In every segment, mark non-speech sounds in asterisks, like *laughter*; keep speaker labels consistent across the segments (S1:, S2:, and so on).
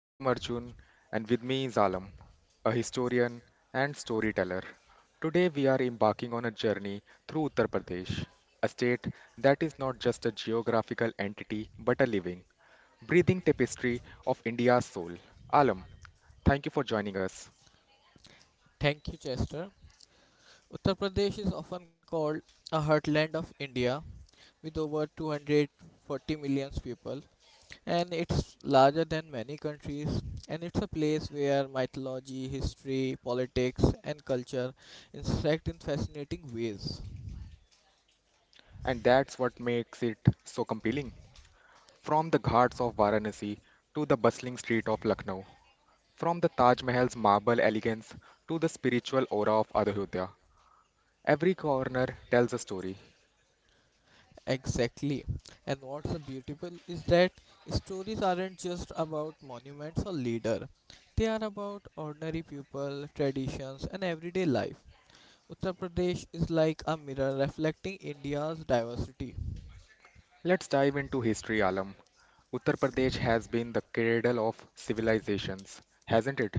S1: I am Arjun, and with me is Alam, a historian and storyteller. Today, we are embarking on a journey through Uttar Pradesh, a state that is not just a geographical entity but a living, breathing tapestry of India's soul. Alam, thank you for joining us.
S2: Thank you, Chester. Uttar Pradesh is often called a heartland of India with over 240 million people, and it's larger than many countries. And it's a place where mythology, history, politics, and culture intersect in fascinating ways.
S1: And that's what makes it so compelling. From the ghats of Varanasi to the bustling street of Lucknow, from the Taj Mahal's marble elegance to the spiritual aura of Ayodhya, every corner tells a story.
S2: Exactly. And what's so beautiful is that stories aren't just about monuments or leader. They are about ordinary people, traditions, and everyday life. Uttar Pradesh is like a mirror reflecting India's diversity.
S1: Let's dive into history, Alam. Uttar Pradesh has been the cradle of civilizations, hasn't it?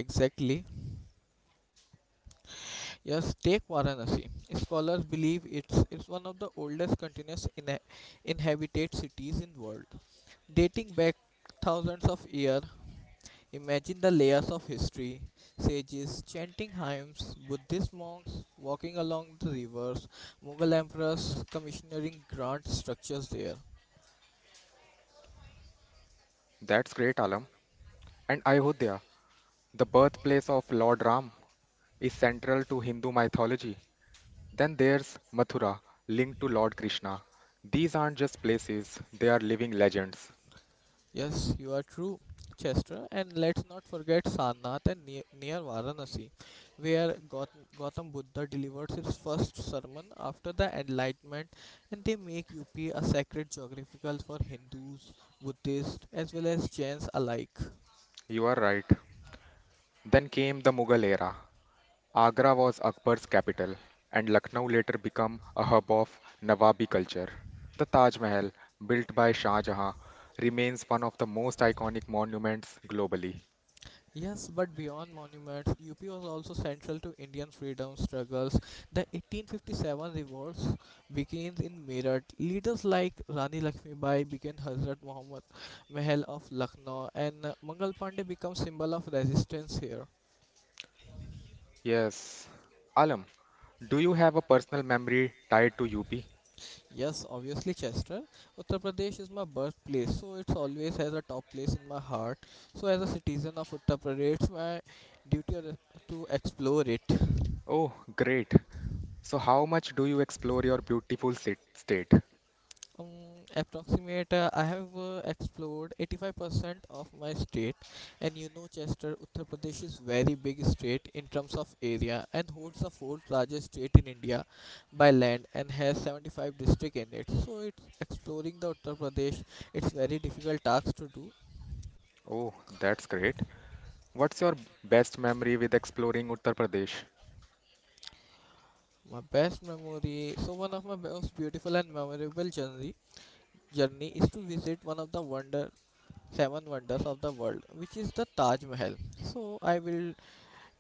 S2: Exactly. Yes, take Varanasi. Scholars believe it's one of the oldest continuous inhabited cities in world, dating back thousands of years. Imagine the layers of history, sages chanting hymns, Buddhist monks walking along the rivers, Mughal emperors commissioning grand structures there.
S1: That's great, Alam. And Ayodhya, the birthplace of Lord Ram, is central to Hindu mythology. Then there's Mathura, linked to Lord Krishna. These aren't just places, they are living legends.
S2: Yes, you are true, Chester. And let's not forget Sarnath and near Varanasi, where Gautam Buddha delivered his first sermon after the Enlightenment, and they make UP a sacred geographical for Hindus, Buddhists, as well as Jains alike.
S1: You are right. Then came the Mughal era, Agra was Akbar's capital, and Lucknow later became a hub of Nawabi culture. The Taj Mahal, built by Shah Jahan, remains one of the most iconic monuments globally.
S2: Yes, but beyond monuments, UP was also central to Indian freedom struggles. The 1857 revolts begins in Meerut. Leaders like Rani Lakshmibai became Hazrat Muhammad Mahal of Lucknow, and Mangal Pandey becomes symbol of resistance here.
S1: Yes. Alam, do you have a personal memory tied to UP?
S2: Yes, obviously Chester. Uttar Pradesh is my birthplace, so it's always has a top place in my heart. So as a citizen of Uttar Pradesh, it's my duty to explore it.
S1: Oh, great. So, how much do you explore your beautiful state?
S2: Um, I have explored 85% of my state, and you know, Chester, Uttar Pradesh is very big state in terms of area and holds the fourth largest state in India by land and has 75 district in it. So, it's exploring the Uttar Pradesh. It's very difficult task to do.
S1: Oh, that's great. What's your best memory with exploring Uttar Pradesh?
S2: My best memory, so one of my most beautiful and memorable journey is to visit one of the wonder seven wonders of the world, which is the Taj Mahal. So I will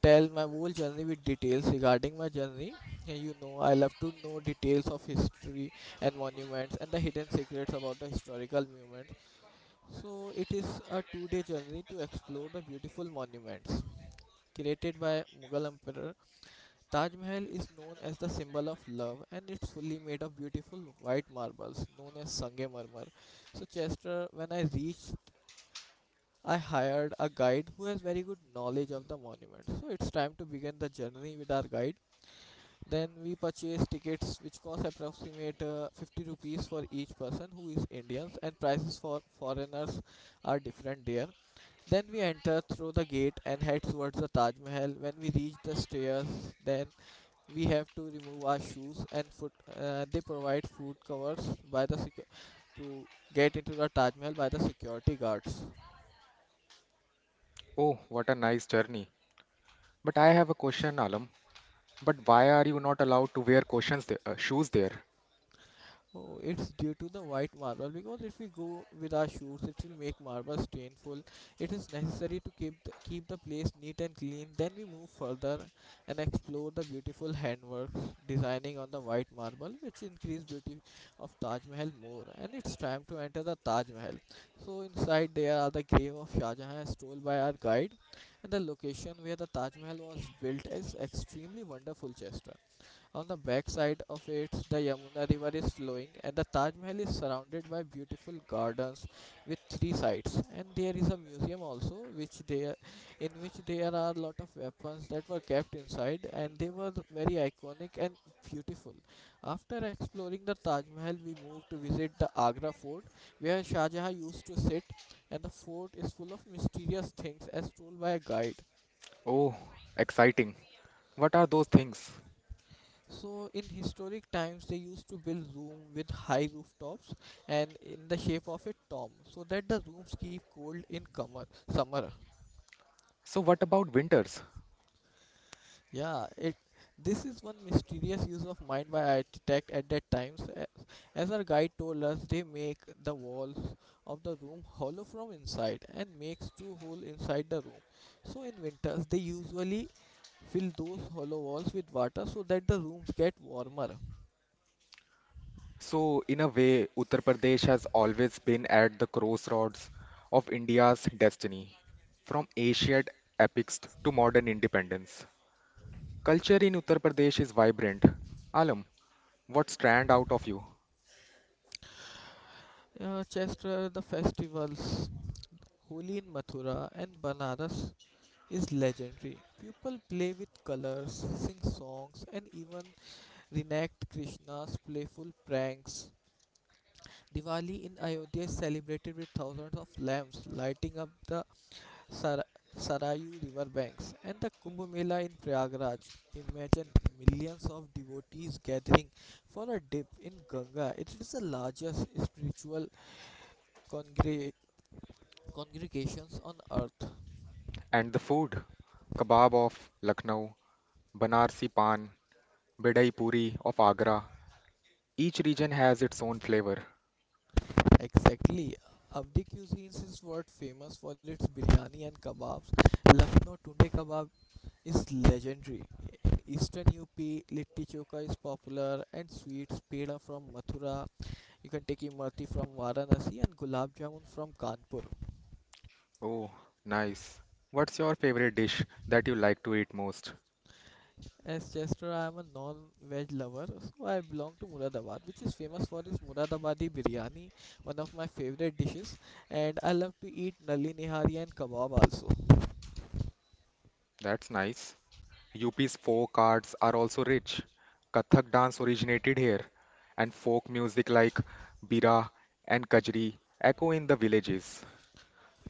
S2: tell my whole journey with details regarding my journey. You know, I love to know details of history and monuments and the hidden secrets about the historical monuments. So, it is a 2 day journey to explore the beautiful monuments. Created by Mughal Emperor, Taj Mahal is known as the symbol of love and it's fully made of beautiful white marbles known as Sangemarmar. So, Chester, when I reached I hired a guide who has very good knowledge of the monument. So it's time to begin the journey with our guide. Then we purchased tickets which cost approximate 50 rupees for each person who is Indians and prices for foreigners are different there. Then we enter through the gate and head towards the Taj Mahal. When we reach the stairs, then we have to remove our shoes and foot. They provide foot covers by the to get into the Taj Mahal by the security guards.
S1: Oh, what a nice journey. But I have a question, Alam. But why are you not allowed to wear cautions shoes there?
S2: Oh, it's due to the white marble because if we go with our shoes, it will make marble stainful. It is necessary to keep keep the place neat and clean. Then we move further and explore the beautiful handworks designing on the white marble, which increase beauty of Taj Mahal more. And it's time to enter the Taj Mahal. So inside there are the grave of Shah Jahan, strolled by our guide, and the location where the Taj Mahal was built is extremely wonderful, Chester. On the backside of it, the Yamuna River is flowing, and the Taj Mahal is surrounded by beautiful gardens with three sides. And there is a museum also, in which there are a lot of weapons that were kept inside, and they were very iconic and beautiful. After exploring the Taj Mahal, we moved to visit the Agra fort, where Shah Jahan used to sit, and the fort is full of mysterious things as told by a guide.
S1: Oh, exciting. What are those things?
S2: So in historic times, they used to build room with high rooftops and in the shape of a tomb, so that the rooms keep cold in summer.
S1: So, what about winters?
S2: Yeah, it. This is one mysterious use of mind by architect at that times. As our guide told us, they make the walls of the room hollow from inside and makes two holes inside the room. So in winters, they usually fill those hollow walls with water so that the rooms get warmer.
S1: So, in a way, Uttar Pradesh has always been at the crossroads of India's destiny, from ancient epics to modern independence. Culture in Uttar Pradesh is vibrant. Alam, what stand out of you?
S2: Chester, the festivals Holi in Mathura and Banaras is legendary. People play with colors, sing songs, and even reenact Krishna's playful pranks. Diwali in Ayodhya is celebrated with thousands of lamps lighting up the Sar- Sarayu riverbanks and the Kumbh Mela in Prayagraj. Imagine millions of devotees gathering for a dip in Ganga. It is the largest spiritual congre- congregations on earth.
S1: And the food? Kebab of Lucknow, Banarsi Pan, Bidai Puri of Agra. Each region has its own flavor.
S2: Exactly. Abdi cuisines is what famous for its biryani and kebabs. Lucknow tunde kebab is legendary. In eastern UP, litti choka is popular and sweets peda from Mathura. You can take imrati from Varanasi and gulab jamun from Kanpur.
S1: Oh, nice. What's your favorite dish that you like to eat most?
S2: As Chester, I am a non-veg lover, so I belong to Muradabad, which is famous for its Muradabadi biryani, one of my favorite dishes, and I love to eat nali nihari and kebab also.
S1: That's nice. UP's folk arts are also rich. Kathak dance originated here, and folk music like bira and kajri echo in the villages.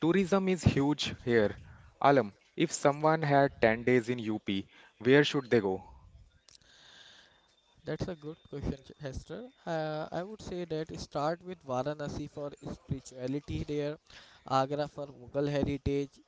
S1: Tourism is huge here. Alam, if someone had 10 days in UP, where should they go?
S2: That's a good question, Hester. I would say that start with Varanasi for spirituality there, Agra for Mughal heritage.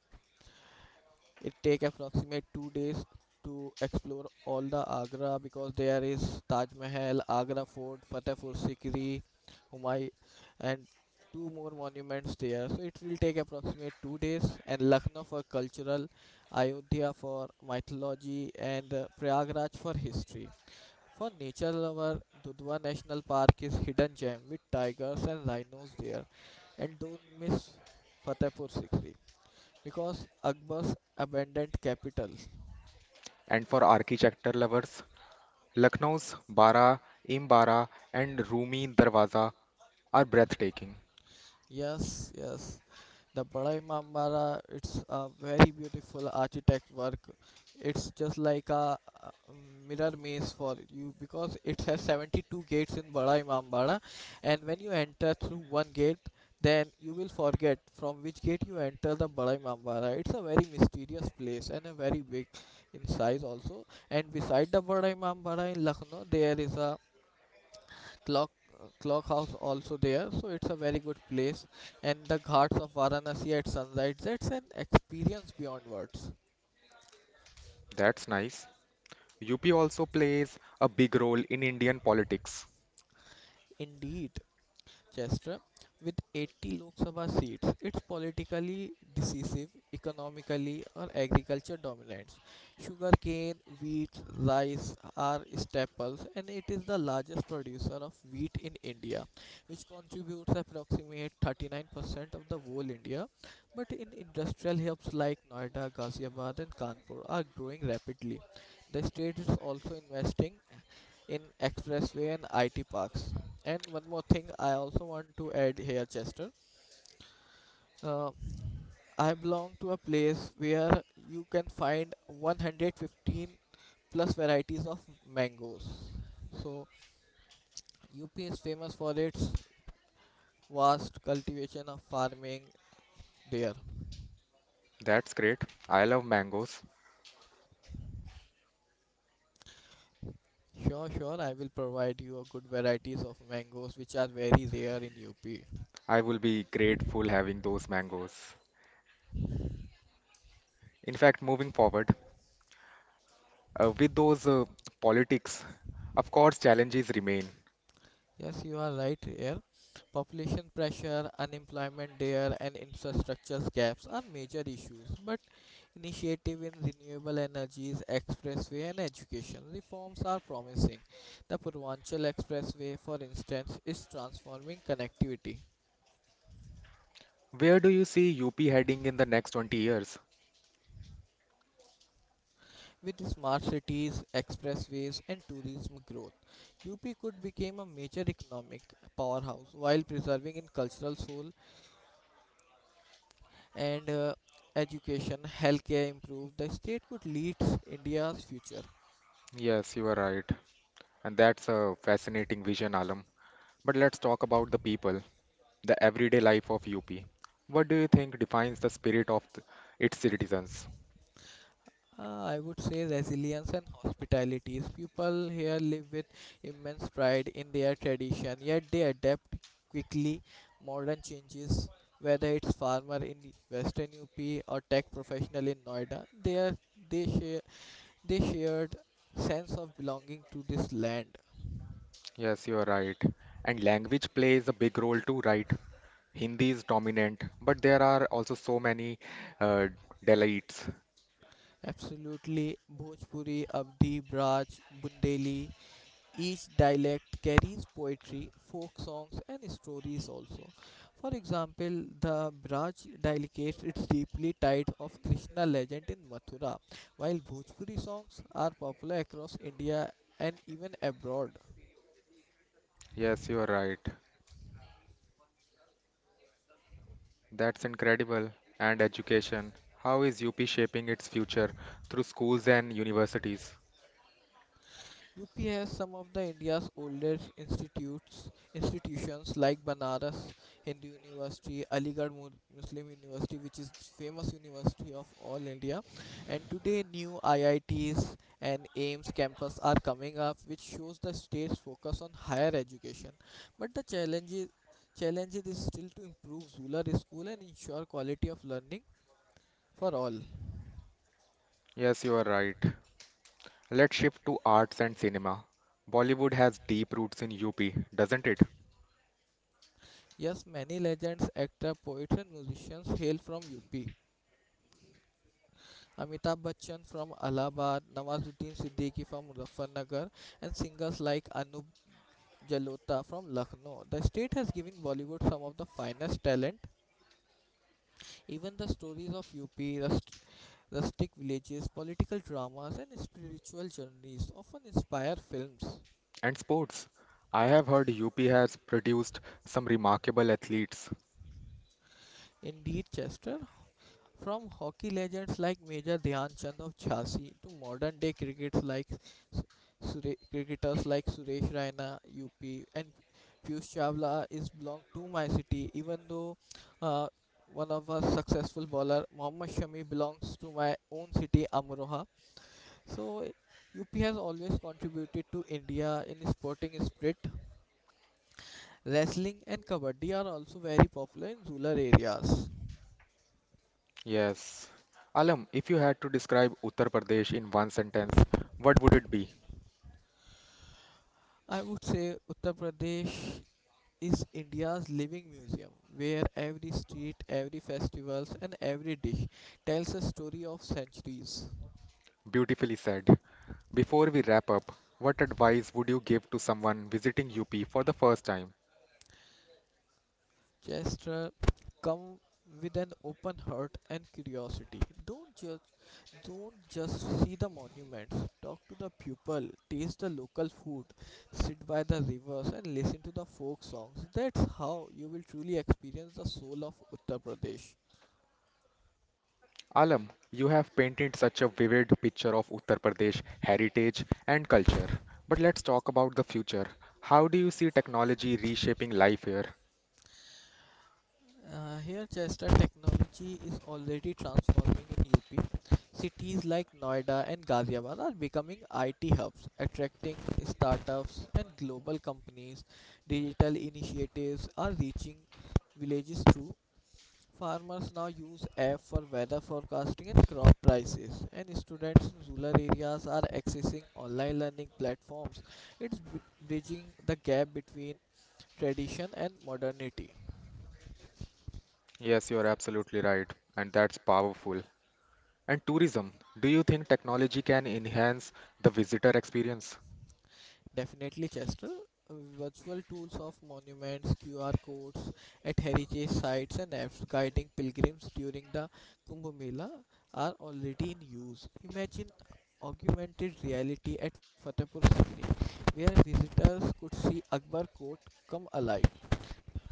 S2: It take approximate 2 days to explore all the Agra because there is Taj Mahal, Agra Fort, Fatehpur Sikri, Humayun, and two more monuments there. So it will take approximate 2 days. And Lucknow for cultural, Ayodhya for mythology, and Prayagraj for history. For nature lover, Dudhwa National Park is hidden gem with tigers and rhinos there. And don't miss Fatehpur Sikri because Akbar's abandoned capital.
S1: And for architecture lovers, Lucknow's Bara, Imbara, and Rumi Darwaza are breathtaking.
S2: Yes, yes. The Bada Imambara, it's a very beautiful architect work. It's just like a mirror maze for you because it has 72 gates in Bada Imambara, and when you enter through one gate, then you will forget from which gate you enter the Bada Imambara. It's a very mysterious place and a very big in size also. And beside the Bada Imambara in Lucknow, there is a clock clock house also there so it's a very good place and the ghats of Varanasi at sunrise, that's an experience beyond words.
S1: That's nice. UP also plays a big role in Indian politics.
S2: Indeed Chester, with 80 Lok Sabha seats, it's politically decisive, economically or agriculture dominance. Sugarcane, wheat, rice are staples, and it is the largest producer of wheat in India, which contributes approximately 39% of the whole India. But in industrial hubs like Noida, Ghaziabad, and Kanpur are growing rapidly. The state is also investing in expressway and IT parks. And one more thing I also want to add here, Chester. Uh, I belong to a place where you can find 115 plus varieties of mangoes. So UP is famous for its vast cultivation of farming there.
S1: That's great. I love mangoes.
S2: Sure, sure, I will provide you a good varieties of mangoes which are very rare in UP.
S1: I will be grateful having those mangoes. In fact, moving forward, with those politics, of course, challenges remain.
S2: Yes, you are right here. Population pressure, unemployment there, and infrastructure gaps are major issues. But initiative in renewable energies, expressway, and education reforms are promising. The Purvanchal Expressway, for instance, is transforming connectivity
S1: Where do you see UP heading in the next 20 years?
S2: with smart cities, expressways, and tourism growth. UP could become a major economic powerhouse while preserving its cultural soul and education, healthcare improve, the state could lead India's future.
S1: Yes, you are right. And that's a fascinating vision, Alam. But let's talk about the people, the everyday life of UP. What do you think defines the spirit of its citizens?
S2: I would say resilience and hospitality. People here live with immense pride in their tradition, yet they adapt quickly modern changes. Whether it's farmer in Western UP or tech professional in Noida, they share they shared sense of belonging to this land.
S1: Yes, you are right. And language plays a big role too, right? Hindi is dominant, but there are also so many uh, delights.
S2: Absolutely, Bhojpuri, Avdi, Braj, Bundeli, each dialect carries poetry, folk songs, and stories also. For example, the Braj dialect is deeply tied of Krishna legend in Mathura, while Bhojpuri songs are popular across India and even abroad.
S1: Yes, you are right. That's incredible. And education. How is UP shaping its future through schools and universities?
S2: UP has some of the India's oldest institutes institutions like Banaras Hindu University, Aligarh Muslim University, which is famous university of all India, and today new IITs and AIMS campus are coming up, which shows the state's focus on higher education. But challenge is still to improve Zular school and ensure quality of learning for all.
S1: Yes, you are right. Let's shift to arts and cinema. Bollywood has deep roots in UP, doesn't it?
S2: Yes, many legends, actors, poets, and musicians hail from UP Amitabh Bachchan from Allahabad, Nawazuddin Siddiqui from Muzaffarnagar, and singers like Anup Jalota from Lucknow. The state has given Bollywood some of the finest talent. Even the stories of UP, rustic villages, political dramas, and spiritual journeys often inspire films.
S1: And sports. I have heard UP has produced some remarkable athletes.
S2: Indeed, Chester, from hockey legends like Major Dhyan Chand of Jhansi to modern day cricketers like Suresh Raina, UP, and Piyush Chawla is belong to my city. Even though uh, one of our successful bowler Mohammad Shami belongs to my own city Amroha. So UP has always contributed to India in sporting spirit. Wrestling and kabaddi are also very popular in rural areas.
S1: Yes. Alam, if you had to describe Uttar Pradesh in one sentence, what would it be?
S2: I would say Uttar Pradesh is India's living museum, where every street, every festivals, and every dish tells a story of centuries.
S1: Beautifully said. Before we wrap up, what advice would you give to someone visiting UP for the first time?
S2: Chester, come with an open heart and curiosity. Don't just see the monuments. Talk to the people, taste the local food, sit by the rivers, and listen to the folk songs. That's how you will truly experience the soul of Uttar Pradesh.
S1: Alam, you have painted such a vivid picture of Uttar Pradesh heritage and culture. But let's talk about the future. How do you see technology reshaping life here?
S2: Here, Chester, technology is already transforming in UP. Cities like Noida and Ghaziabad are becoming IT hubs, attracting startups and global companies. Digital initiatives are reaching villages too. Farmers now use app for weather forecasting and crop prices, and students in rural areas are accessing online learning platforms. It's bri- bridging the gap between tradition and modernity.
S1: Yes, you're absolutely right, and that's powerful. And tourism, do you think technology can enhance the visitor experience?
S2: Definitely, Chester. Virtual tools of monuments, QR codes at heritage sites, and apps guiding pilgrims during the Kumbh Mela are already in use. Imagine augmented reality at Fatehpur Sikri, where visitors could see Akbar Fort come alive.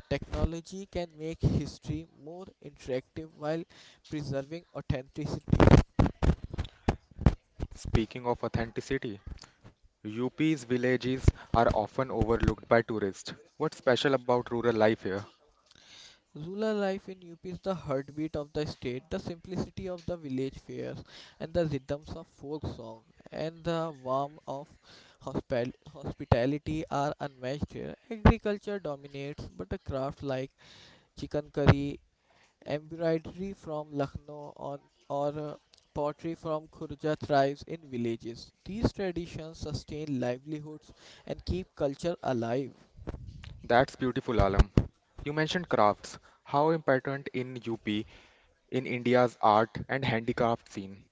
S2: Technology can make history more interactive while preserving authenticity.
S1: Speaking of authenticity, UP's villages are often overlooked by tourists. What's special about rural life here?
S2: Rural life in UP is the heartbeat of the state, the simplicity of the village fairs, and the rhythms of folk song, and the warmth of hospitality are unmatched here. Agriculture dominates, but a craft like chicken curry, embroidery from Lucknow, on, or pottery from Khurja thrives in villages. These traditions sustain livelihoods and keep culture alive.
S1: That's beautiful, Alam. You mentioned crafts. How important in UP in India's art and handicraft scene?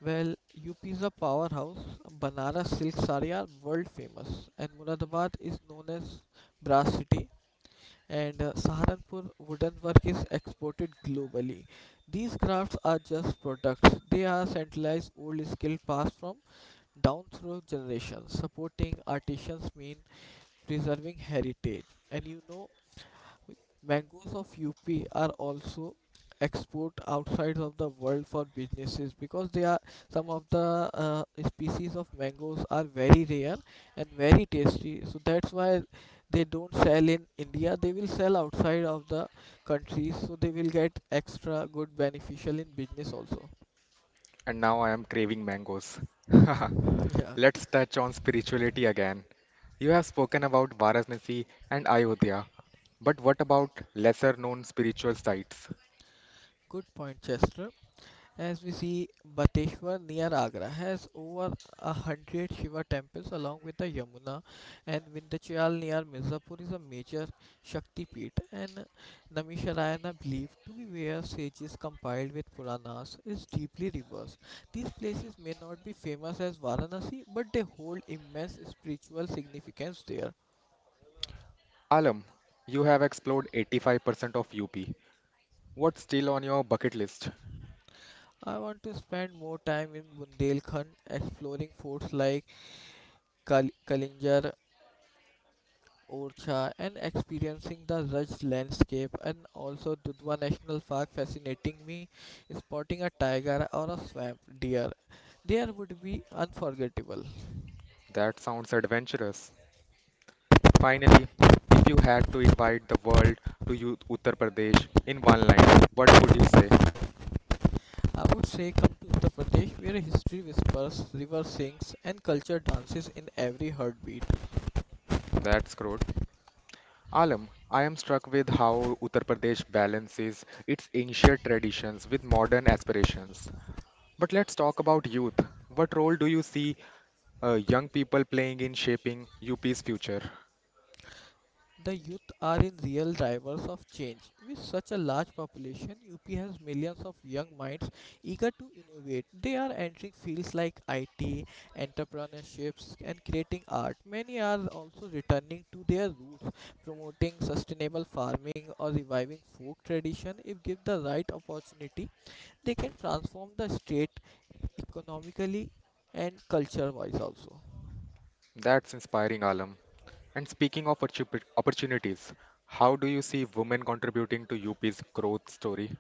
S2: Well, UP is a powerhouse. Banaras silk saree are world famous, and Muradabad is known as brass city. And Saharanpur wooden work is exported globally. These crafts are just products; they are centralized old skill passed from down through generations. Supporting artisans mean preserving heritage, and you know Mangoes of UP are also export outside of the world for businesses because they are some of the species of mangoes are very rare and very tasty, so that's why they don't sell in india, they will sell outside of the countries, so they will get extra good beneficial in business also.
S1: And now I am craving mangoes. *laughs*
S2: Yeah.
S1: Let's touch on spirituality again. You have spoken about Varanasi and Ayodhya, but what about lesser known spiritual sites?
S2: Good point, Chester. As we see, Bateshwar near Agra has over 100 Shiva temples along with the Yamuna, and Vindhyachal near Mirzapur is a major Shakti Peeth, and Namisharayana, believed to be where sages compiled with Puranas, is deeply reversed. These places may not be famous as Varanasi, but they hold immense spiritual significance there.
S1: Alam, you have explored 85% of UP. What's still on your bucket list?
S2: I want to spend more time in Bundelkhand exploring forts like Kalinjar, Orcha, and experiencing the rugged landscape, and also Dudhwa National Park fascinating me. Spotting a tiger or a swamp deer there would be unforgettable.
S1: That sounds adventurous. Finally, if you had to invite the world to you, Uttar Pradesh in one line, what would you say?
S2: I would say come to Uttar Pradesh where history whispers, river sings, and culture dances in every heartbeat.
S1: That's good. Alam, I am struck with how Uttar Pradesh balances its ancient traditions with modern aspirations. But let's talk about youth. What role do you see young people playing in shaping UP's future?
S2: The youth are in real drivers of change. With such a large population, UP has millions of young minds eager to innovate. They are entering fields like IT, entrepreneurships, and creating art. Many are also returning to their roots, promoting sustainable farming or reviving folk tradition. If given the right opportunity, they can transform the state economically and culture wise also.
S1: That's inspiring, Alam. And speaking of opportunities, how do you see women contributing to UP's growth story?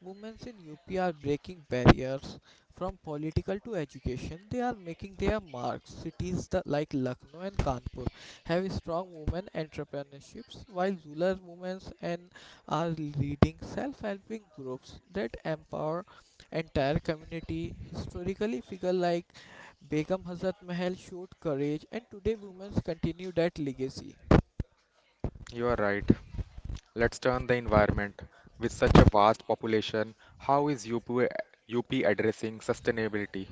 S2: Women in UP are breaking barriers from political to education. They are making their marks. Cities like Lucknow and Kanpur have strong women entrepreneurships, while rural women and are leading self-helping groups that empower entire community. Historically, figure like Begum Hazrat Mahal showed courage, and today women continue that legacy.
S1: You are right. Let's turn the environment. With such a vast population, how is UP, addressing sustainability?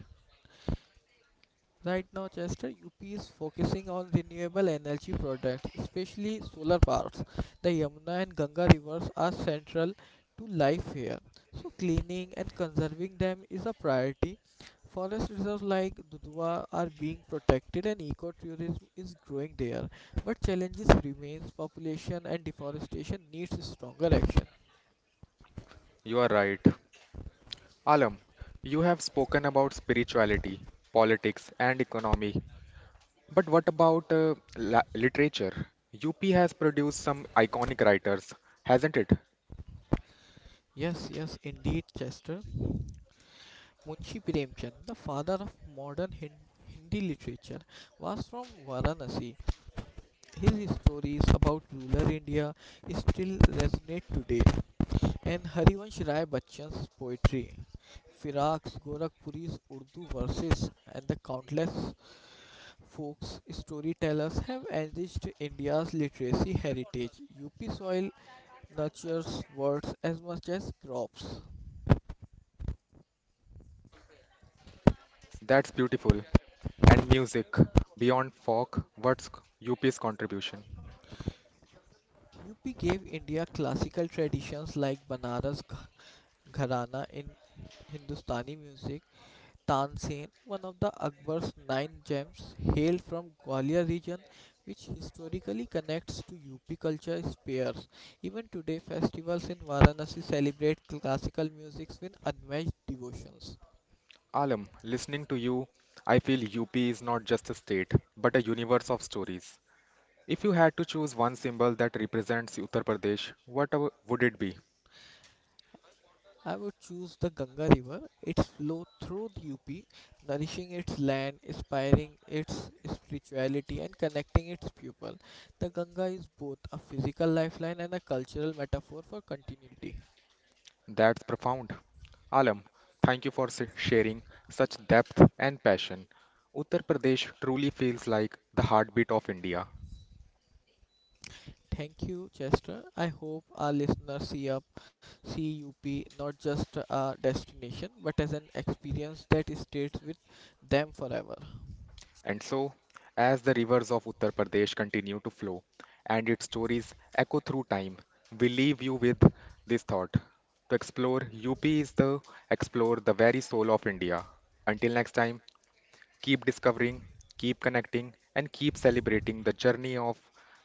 S2: Right now, Chester, UP is focusing on renewable energy products, especially solar parks. The Yamuna and Ganga rivers are central to life here, so cleaning and conserving them is a priority. Forest reserves like Dudhwa are being protected, and ecotourism is growing there. But challenges remains: population and deforestation needs stronger action.
S1: You are right. Alam, you have spoken about spirituality, politics, and economy. But what about literature? UP has produced some iconic writers, hasn't it?
S2: Yes, yes, indeed, Chester. Munshi Premchand, the father of modern Hindi literature, was from Varanasi. His stories about rural India still resonate today, and Harivansh Rai Bachchan's poetry, Firaq's Gorakhpuri's Urdu verses, and the countless folk storytellers have enriched India's literacy heritage. UP soil nurtures words as much as crops.
S1: That's beautiful. And music, beyond folk, what's UP's contribution?
S2: UP gave India classical traditions like Banaras Gharana in Hindustani music. Tansen, one of the Akbar's nine gems, hailed from Gwalior region, which historically connects to UP culture spheres. Even today, festivals in Varanasi celebrate classical music with unmatched devotions.
S1: Alam, listening to you, I feel UP is not just a state, but a universe of stories. If you had to choose one symbol that represents Uttar Pradesh, what would it be?
S2: I would choose the Ganga River. Its flow through the UP, nourishing its land, inspiring its spirituality, and connecting its people. The Ganga is both a physical lifeline and a cultural metaphor for continuity.
S1: That's profound. Alam, thank you for sharing such depth and passion. Uttar Pradesh truly feels like the heartbeat of India.
S2: Thank you, Chester. I hope our listeners see UP not just a destination but as an experience that stays with them forever.
S1: And so, as the rivers of Uttar Pradesh continue to flow and its stories echo through time, we leave you with this thought. To explore UP is to explore the very soul of India. Until next time, keep discovering, keep connecting, and keep celebrating the journey of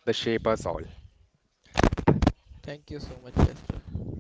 S1: the shape us all.
S2: Thank you so much, Chester.